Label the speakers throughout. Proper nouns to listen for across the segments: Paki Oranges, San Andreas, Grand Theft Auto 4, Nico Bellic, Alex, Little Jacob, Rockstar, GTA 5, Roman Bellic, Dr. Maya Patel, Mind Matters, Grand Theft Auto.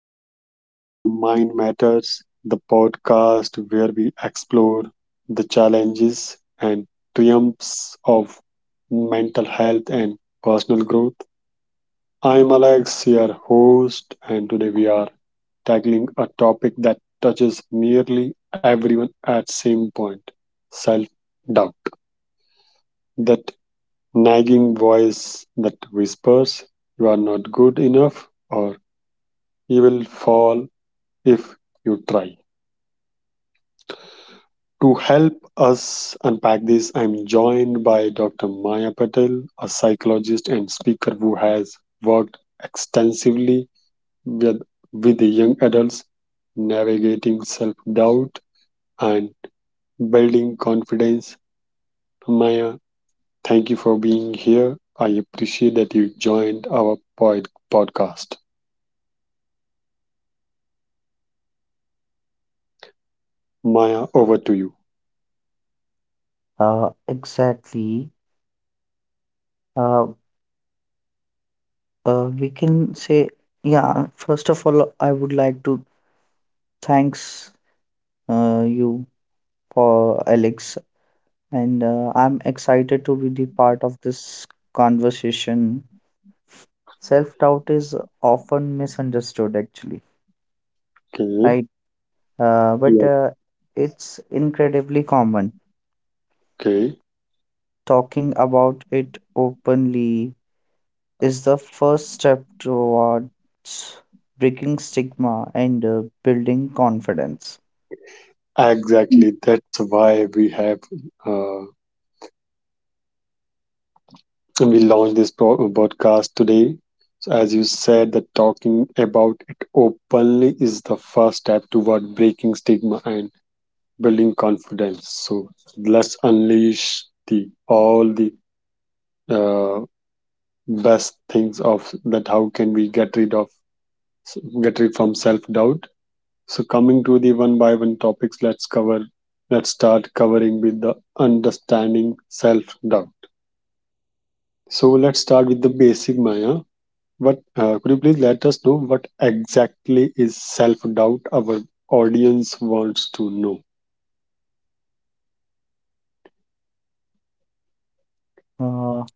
Speaker 1: everyone. Welcome to Mind Matters, the podcast where we explore the challenges and triumphs of mental health and personal growth. I'm Alex, your host, and today we are tackling a topic that touches nearly everyone at same point self doubt that nagging voice that whispers you are not good enough or you will fall if you try To help us unpack this, I'm joined by Dr. Maya Patel, a psychologist and speaker who has worked extensively with, with the young adults navigating self doubt and building confidence. Maya, thank you for being here. I appreciate that you joined our podcast. Maya, over to you.
Speaker 2: Exactly. Uh, uh, we can say, yeah, first of all, I would like to thanks you for Alex, and I'm excited to be the part of this conversation. Self-doubt is often misunderstood, actually,
Speaker 1: Okay.
Speaker 2: right? But
Speaker 1: Yes.
Speaker 2: it's incredibly common.
Speaker 1: Okay.
Speaker 2: Talking about it openly is the first step towards breaking stigma and building confidence. Mm.
Speaker 1: Exactly. That's why we have uh, and we launch this podcast today. So, as you said, that talking about it openly is the first step toward breaking stigma and building confidence. So, let's unleash the all the uh, best things of that. How can we get rid of get rid from self doubt? So, coming to the one by one topics, let's cover. Let's start covering with the understanding self doubt. So, let's start with the basic Maya But could you please let us know what exactly is self doubt? Our audience wants to know.
Speaker 2: Uh,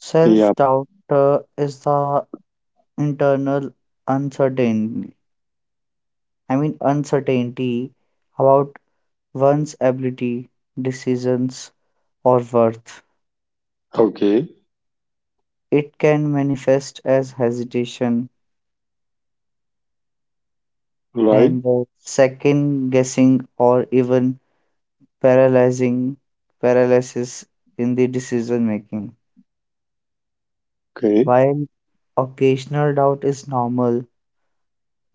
Speaker 2: Self
Speaker 1: Yeah.
Speaker 2: doubt is the internal uncertainty. I mean, uncertainty about one's ability, decisions, or worth.
Speaker 1: Okay.
Speaker 2: It can manifest as hesitation
Speaker 1: Right.
Speaker 2: and second guessing or even paralyzing paralysis in the decision making.
Speaker 1: Okay.
Speaker 2: While Occasional doubt is normal,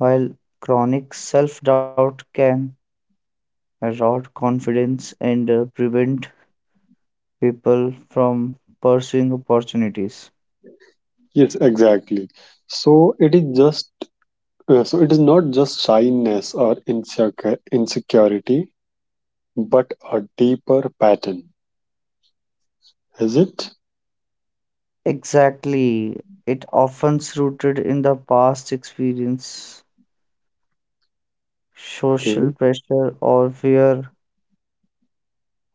Speaker 2: while chronic self doubt can erode confidence and prevent people from pursuing opportunities.
Speaker 1: Yes. Exactly. So it is just. So it is not just shyness or insecure insecurity, but a deeper pattern. Is it?
Speaker 2: Exactly. It often's rooted in the past experience,
Speaker 1: Okay.
Speaker 2: social pressure, or fear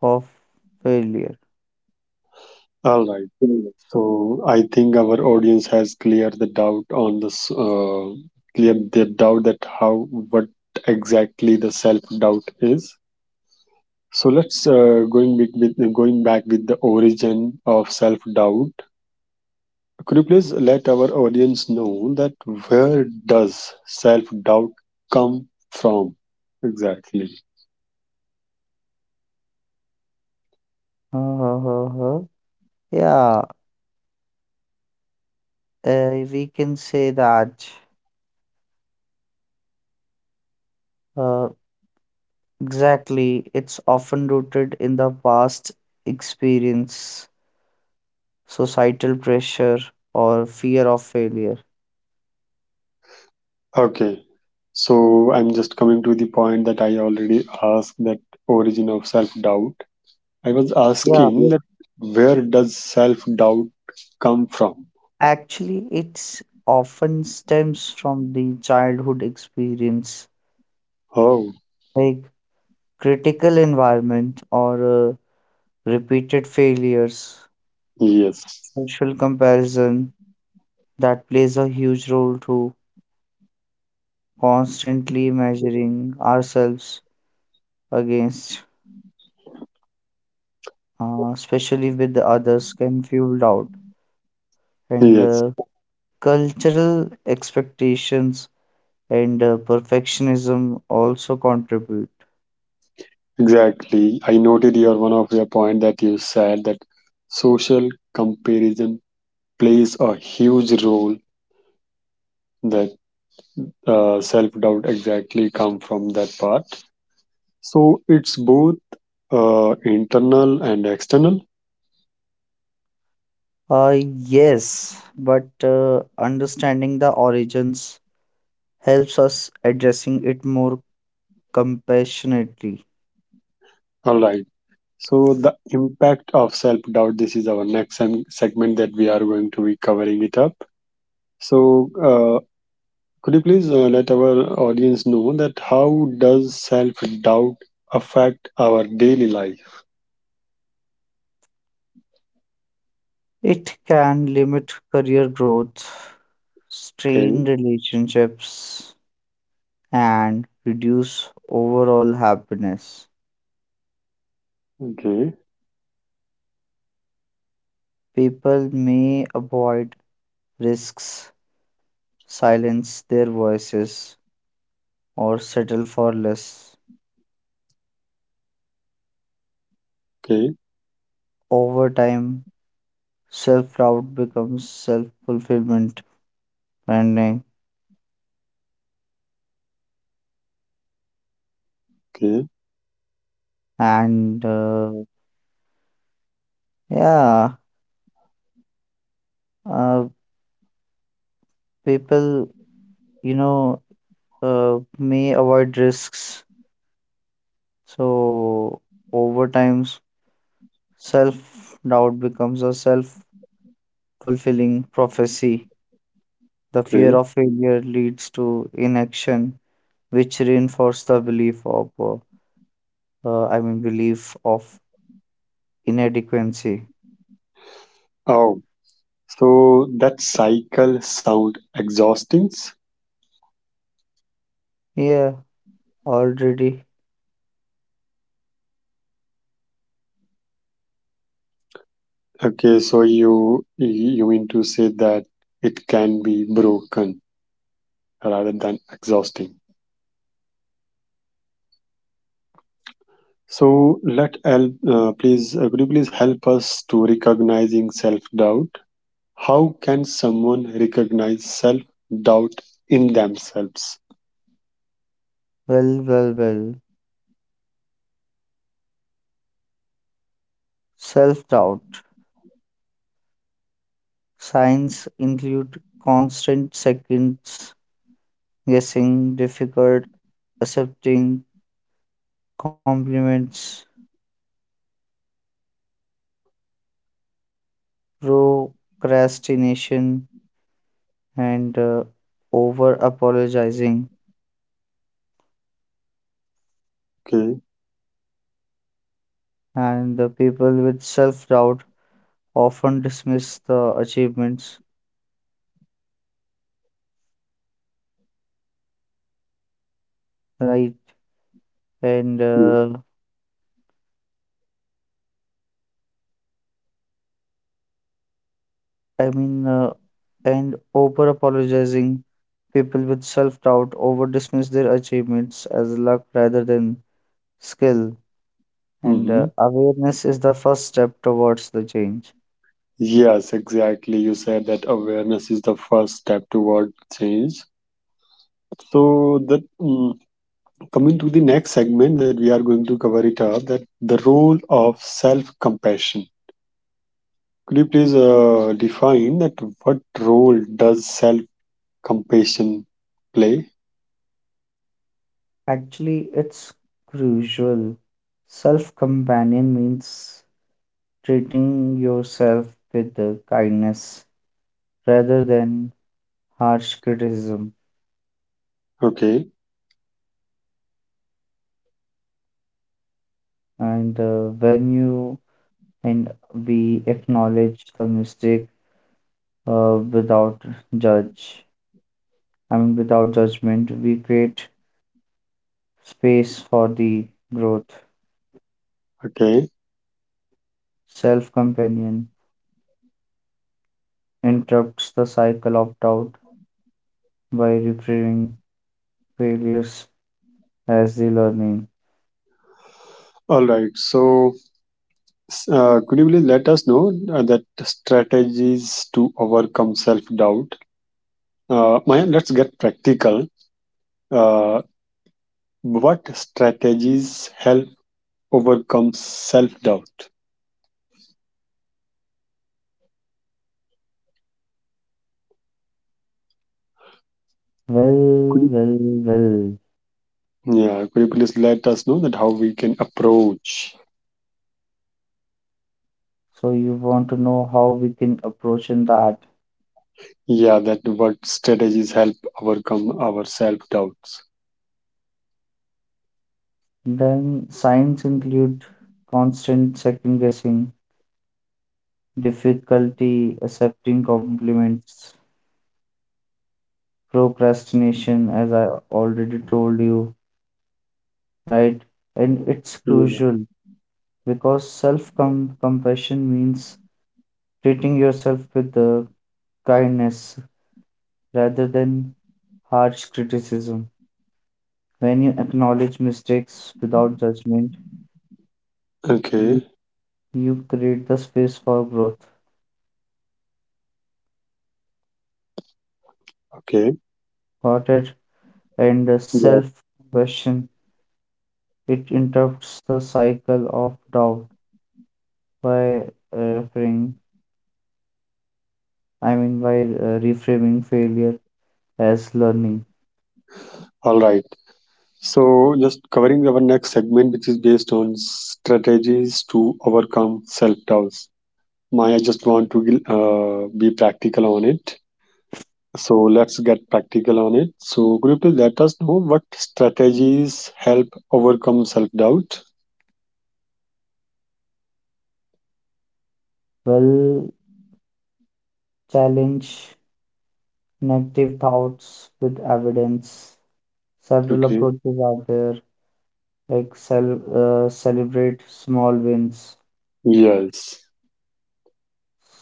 Speaker 2: of failure.
Speaker 1: All right.
Speaker 2: Mm.
Speaker 1: So I think our audience has cleared the doubt on this, cleared their doubt that how what exactly the self doubt is. So let's going back with the origin of self doubt. Could you please let our audience know that where does self doubt come from exactly?
Speaker 2: Uh, uh, uh, uh. Yeah, we can say that. Uh, Exactly, it's often rooted in the past experience, societal pressure, or fear of failure.
Speaker 1: Okay, so I'm just coming to the point that I already asked that origin of self doubt. I was
Speaker 2: Yeah,
Speaker 1: asking
Speaker 2: Yeah.
Speaker 1: that where does self doubt come from?
Speaker 2: Actually, it's often stems from the childhood experience,
Speaker 1: Oh,
Speaker 2: like critical environment or uh, repeated failures,
Speaker 1: yes,
Speaker 2: social comparison that plays a huge role too, constantly measuring ourselves against, especially with the others, can fuel doubt and
Speaker 1: yes,
Speaker 2: cultural expectations and perfectionism also contribute.
Speaker 1: exactly. I noted your one of your point that you said that social comparison plays a huge role. That self doubt exactly come from that part. So it's both internal and external.
Speaker 2: Uh, yes, but understanding the origins helps us addressing it more compassionately.
Speaker 1: All right. So the impact of self doubt. This is our next segment that we are going to be covering it up. So, could you please let our audience know that how does self doubt affect our daily life?
Speaker 2: It can limit career growth,
Speaker 1: Okay,
Speaker 2: strain relationships, and reduce overall happiness.
Speaker 1: okay,
Speaker 2: People may avoid risks, silence their voices, or settle for less.
Speaker 1: okay,
Speaker 2: Over time, self doubt becomes self fulfillment branding,
Speaker 1: okay,
Speaker 2: and uh, yeah, uh, people you know may avoid risks. So over time, self doubt becomes a self fulfilling prophecy. The fear
Speaker 1: okay.
Speaker 2: of failure leads to inaction, which reinforces the belief of I mean belief of inadequacy.
Speaker 1: Oh, so that cycle sound exhausting.
Speaker 2: Yeah. Already,
Speaker 1: Okay, so you mean to say that it can be broken rather than exhausting. So let help, please could you please help us to recognizing self doubt How can someone recognize self doubt in themselves?
Speaker 2: well, well, well. Self doubt. Signs include constant seconds guessing, difficult accepting compliments, procrastination, and over apologizing.
Speaker 1: Okay.
Speaker 2: And the people with self doubt often dismiss the achievements, right? And I mean, and over apologizing People with self doubt over dismiss their achievements as luck rather than skill, and
Speaker 1: Mm-hmm.
Speaker 2: awareness is the first step towards the change.
Speaker 1: Yes, exactly. You said that awareness is the first step toward change. So that coming to the next segment that we are going to cover it up, that the role of self-compassion. Could you please define that what role does self-compassion play?
Speaker 2: Actually, it's crucial. Self companion means treating yourself with kindness rather than harsh criticism.
Speaker 1: Okay,
Speaker 2: And when you and we acknowledge the mistake without judge, I mean, without judgment, we create space for the growth.
Speaker 1: okay.
Speaker 2: Self companion interrupts the cycle of doubt by reframing failures as the learning.
Speaker 1: All right. So could you please let us know that strategies to overcome self doubt? Mayan, let's get practical. Uh, what strategies help overcome self doubt? Could you,
Speaker 2: Well, well, well.
Speaker 1: yeah, could you please let us know that how we can approach?
Speaker 2: So you want to know how we can approach in that?
Speaker 1: Yeah, that what strategies help overcome our self doubts?
Speaker 2: Then signs include constant second guessing, difficulty accepting compliments, procrastination, as I already told you, right? And it's
Speaker 1: Yeah.
Speaker 2: crucial because self compassion means treating yourself with kindness rather than harsh criticism. When you acknowledge mistakes without judgment,
Speaker 1: Okay.
Speaker 2: you, you create the space for growth,
Speaker 1: Okay.
Speaker 2: thought it, and
Speaker 1: Yeah.
Speaker 2: self compassion. It interrupts the cycle of doubt by uh, referring, I mean, by reframing failure as learning.
Speaker 1: All right. So, just covering our next segment, which is based on strategies to overcome self doubts. Maya, just want to be practical on it. So, let's get practical on it. So, could you please let us know what strategies help overcome self doubt?
Speaker 2: Well, challenge negative thoughts with evidence Several
Speaker 1: Okay.
Speaker 2: approaches are there, like celebrate small wins,
Speaker 1: Yes.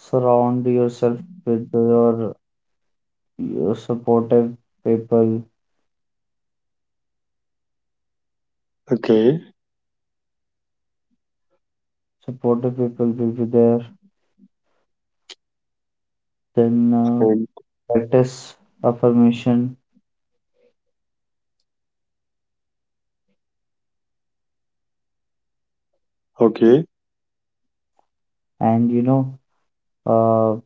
Speaker 2: surround yourself with your people,
Speaker 1: Okay.
Speaker 2: supportive people will be there, then uh,
Speaker 1: And
Speaker 2: practice affirmation,
Speaker 1: okay.
Speaker 2: and uh,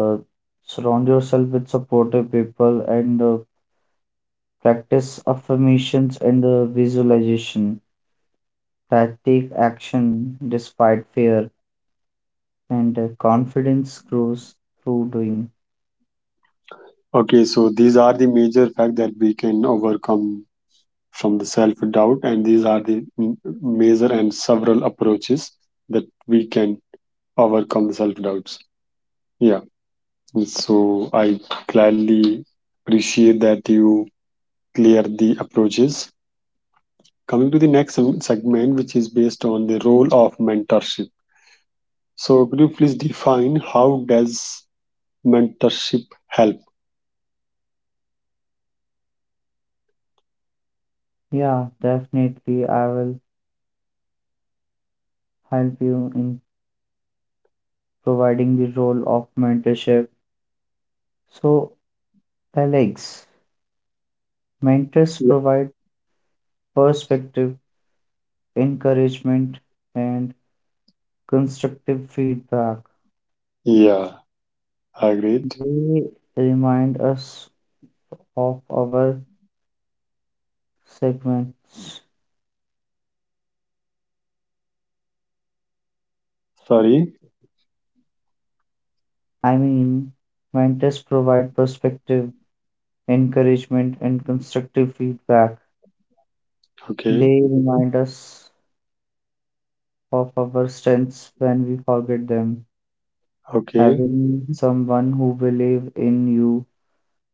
Speaker 2: uh, surround yourself with supportive people and practice affirmations and visualization. That take action despite fear, and confidence grows through doing.
Speaker 1: Okay. So, these are the major facts that we can overcome from the self doubt, and these are the major and several approaches that we can overcome self doubts. Yeah, so I gladly appreciate that you clear the approaches. Coming to the next segment, which is based on the role of mentorship. So, could you please define how does mentorship help?
Speaker 2: Yeah, definitely. I will help you in providing the role of mentorship. So, Alex, mentors
Speaker 1: Yeah,
Speaker 2: provide perspective, encouragement, and constructive feedback.
Speaker 1: yeah, agreed.
Speaker 2: They remind us of our segments.
Speaker 1: Sorry.
Speaker 2: I mean, mentors provide perspective, encouragement, and constructive feedback.
Speaker 1: Okay,
Speaker 2: They remind us of our strengths when we forget them.
Speaker 1: okay,
Speaker 2: Having someone who believes in you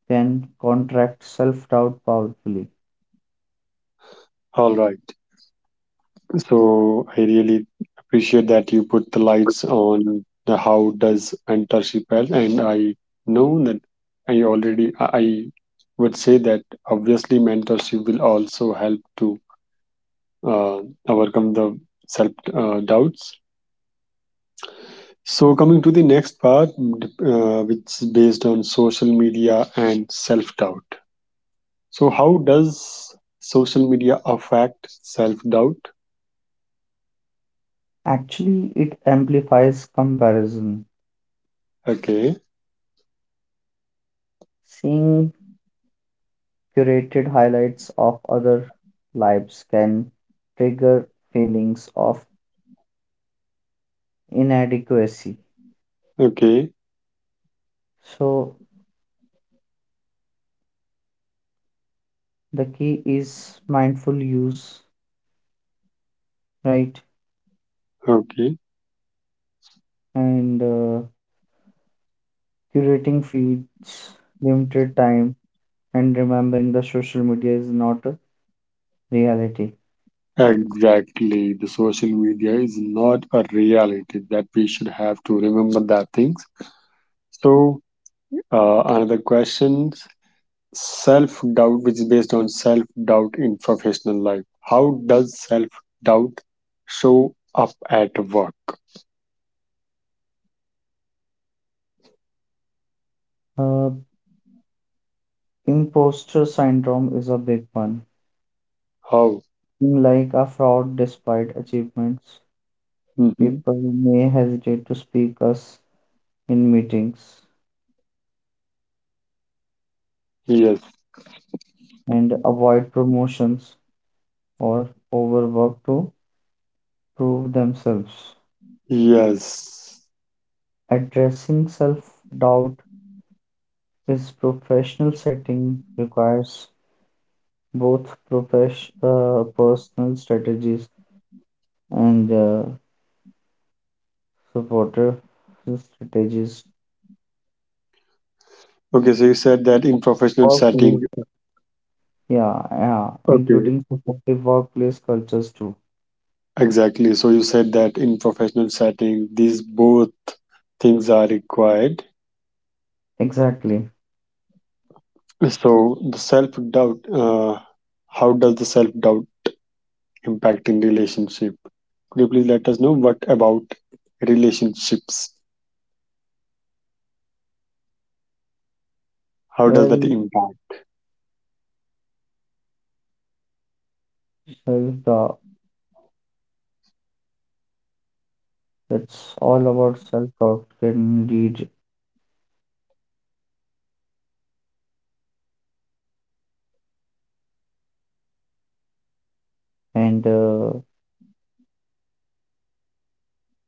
Speaker 2: can contract self doubt powerfully.
Speaker 1: all right. So I really appreciate that you put the lights on the how does mentorship help, and I know that I already I would say that obviously mentorship will also help to uh, overcome the self doubts. So coming to the next part, which is based on social media and self doubt. So how does social media affect self doubt?
Speaker 2: Actually, it amplifies comparison.
Speaker 1: Okay,
Speaker 2: Seeing curated highlights of other lives can trigger feelings of inadequacy.
Speaker 1: okay,
Speaker 2: So, the key is mindful use, right?
Speaker 1: okay.
Speaker 2: And curating feeds, limited time, and remembering the social media is not a reality.
Speaker 1: Exactly. The social media is not a reality that we should have to remember that things. So another question, self-doubt, which is based on self-doubt in professional life. How does self-doubt show up at work?
Speaker 2: Uh, Imposter syndrome is a big one.
Speaker 1: How?
Speaker 2: Feeling like a fraud despite achievements,
Speaker 1: Hmm.
Speaker 2: people may hesitate to speak us in meetings
Speaker 1: Yes.
Speaker 2: and avoid promotions or overwork to prove themselves.
Speaker 1: Yes.
Speaker 2: Addressing self doubt is professional setting requires both personal strategies and supportive strategies.
Speaker 1: Okay, so you said that in professional
Speaker 2: Or
Speaker 1: setting.
Speaker 2: Yeah, yeah,
Speaker 1: Okay,
Speaker 2: including supportive workplace cultures too.
Speaker 1: exactly. So you said that in professional setting, these both things are required
Speaker 2: Exactly.
Speaker 1: So the self doubt, how does the self doubt impact in relationship? Could you please let us know what about relationships? How does that
Speaker 2: Well,
Speaker 1: impact?
Speaker 2: self-doubt, it's all about and uh,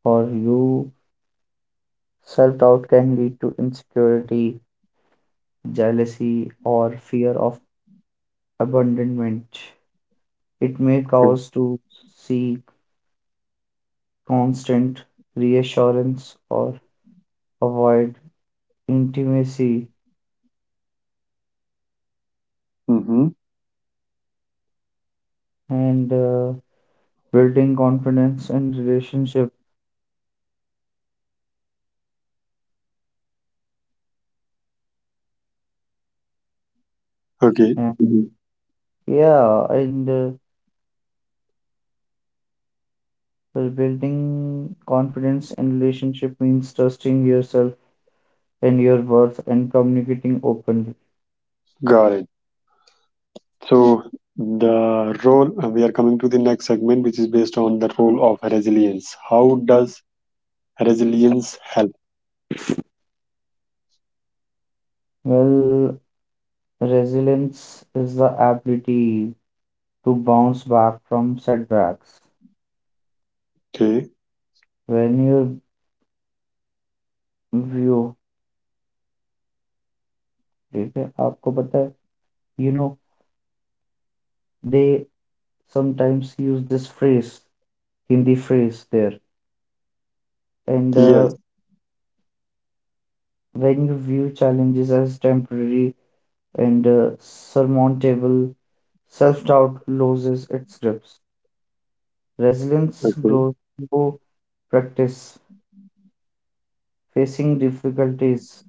Speaker 2: for you, self-doubt can lead to insecurity, jealousy, or fear of abandonment. It may
Speaker 1: Okay.
Speaker 2: cause to seek constant reassurance or avoid intimacy
Speaker 1: Mm-hmm.
Speaker 2: and building confidence in relationship
Speaker 1: Okay.
Speaker 2: and Yeah, and well, building confidence in relationship means trusting yourself and your worth and communicating openly.
Speaker 1: Got it. So the role we are coming to the next segment, which is based on the role of resilience. How does resilience help?
Speaker 2: Well, resilience is the ability to bounce back from setbacks.
Speaker 1: Okay.
Speaker 2: When you view, ठीक है, आपको पता है, you know, they sometimes use this phrase, Hindi phrase there, and
Speaker 1: Yes.
Speaker 2: when you view challenges as temporary and surmountable. Self doubt loses its grips. Resilience
Speaker 1: Okay.
Speaker 2: grows through practice, facing difficulties,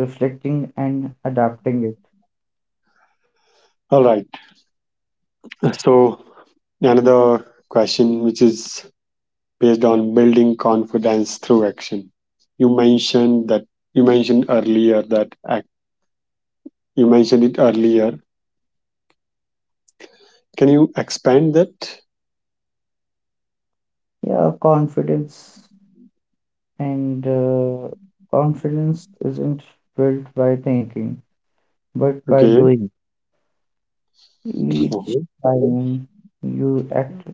Speaker 2: reflecting, and adapting it.
Speaker 1: All right. So another question, which is based on building confidence through action. You mentioned that you mentioned earlier that ac- You mentioned it earlier. Can you expand that?
Speaker 2: Yeah, confidence and uh, Confidence isn't built by thinking, but by
Speaker 1: Okay.
Speaker 2: doing. Each
Speaker 1: Mhm.
Speaker 2: time you act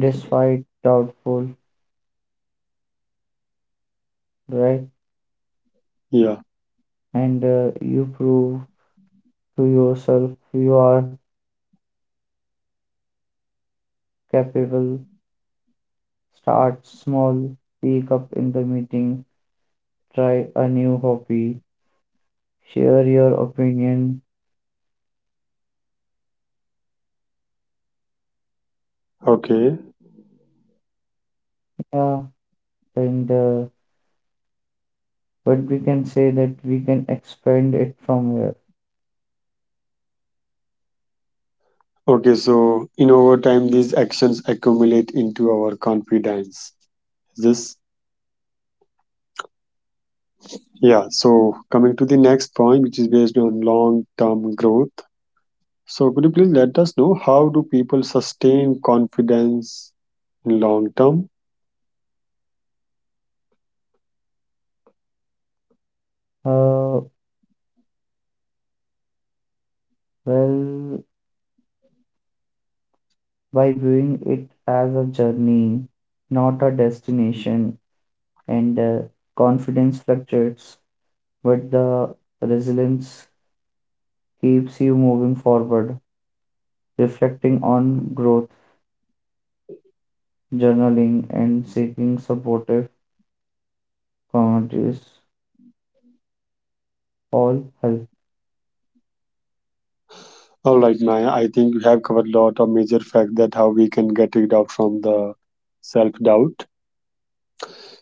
Speaker 2: despite doubtful, right?
Speaker 1: Yeah.
Speaker 2: And you prove to yourself you are capable. Start small, speak up in the meeting, try a new hobby, share your opinion.
Speaker 1: Okay.
Speaker 2: Yeah, and But we can say that we can expand it from here.
Speaker 1: Okay. So in over time, these actions accumulate into our confidence. Is this yeah. So coming to the next point, which is based on long-term growth. So could you please let us know how do people sustain confidence in long term?
Speaker 2: Uh, well, by viewing it as a journey, not a destination, and confidence fluctuates, but the resilience keeps you moving forward, reflecting on growth, journaling, and seeking supportive God is all help.
Speaker 1: All right, Maya. I think we have covered a lot of major facts that how we can get rid of from the self doubt.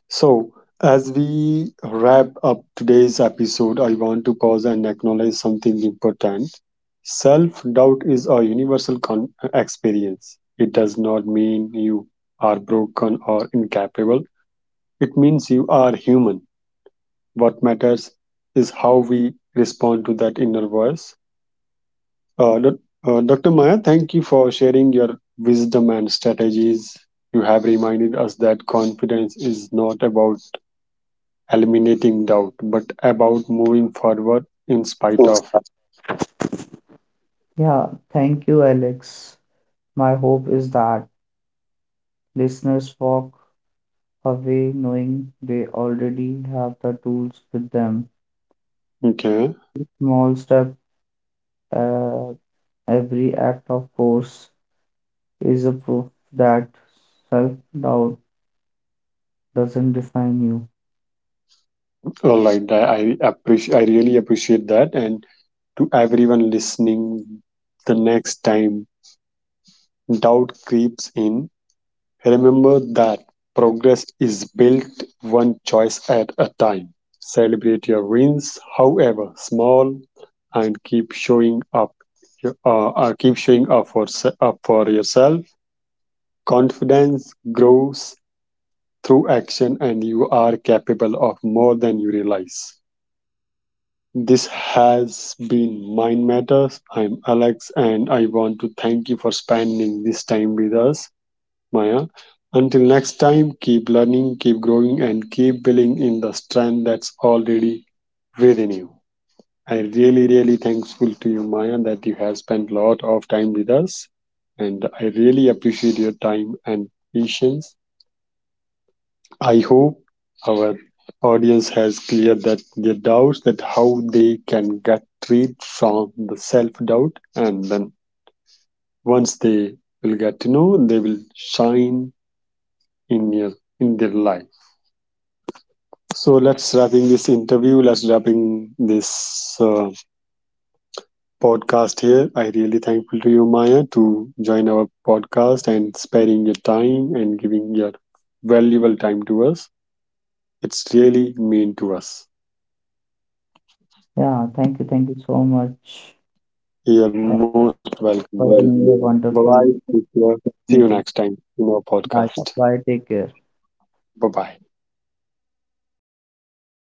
Speaker 1: So, as we wrap up today's episode, I want to pause and acknowledge something important. Self doubt is a universal experience. It does not mean you are broken or incapable. It means you are human. What matters is how we respond to that inner voice Uh, doc- Dr. Maya, thank you for sharing your wisdom and strategies. You have reminded us that confidence is not about eliminating doubt, but about moving forward in spite
Speaker 2: Thanks.
Speaker 1: of it.
Speaker 2: Yeah, thank you, Alex. My hope is that listeners walk away knowing they already have the tools with them.
Speaker 1: Okay.
Speaker 2: Small step, uh, every act of course is a proof that self-doubt doesn't define you.
Speaker 1: All right. I appreciate. I really appreciate that. And to everyone listening, the next time doubt creeps in, remember that progress is built one choice at a time. Celebrate your wins, however small, and keep showing up. Keep showing up for se- up for yourself. Confidence grows through action, and you are capable of more than you realize. This has been Mind Matters. I'm Alex, and I want to thank you for spending this time with us. Maya. Until next time, keep learning, keep growing, and keep building in the strength that's already within you. I really thankful to you, Maya, that you have spent a lot of time with us, and I really appreciate your time and patience. I hope our audience has cleared that their doubts that how they can get freed from the self doubt, and then once they will get to know, they will shine in your in their life. So let's wrapping this interview. Let's wrapping this podcast here. I really thankful to you, Maya, to join our podcast and sparing your time and giving your valuable time to us. It's really mean to us.
Speaker 2: Yeah, thank you so much
Speaker 1: You're
Speaker 2: uh,
Speaker 1: most welcome, Maya.
Speaker 2: for giving me a
Speaker 1: Bye bye.
Speaker 2: wonderful
Speaker 1: Take care. See you next
Speaker 2: opportunity.
Speaker 1: time in our
Speaker 2: Bye,
Speaker 1: podcast.
Speaker 2: bye, take care.
Speaker 1: Bye bye.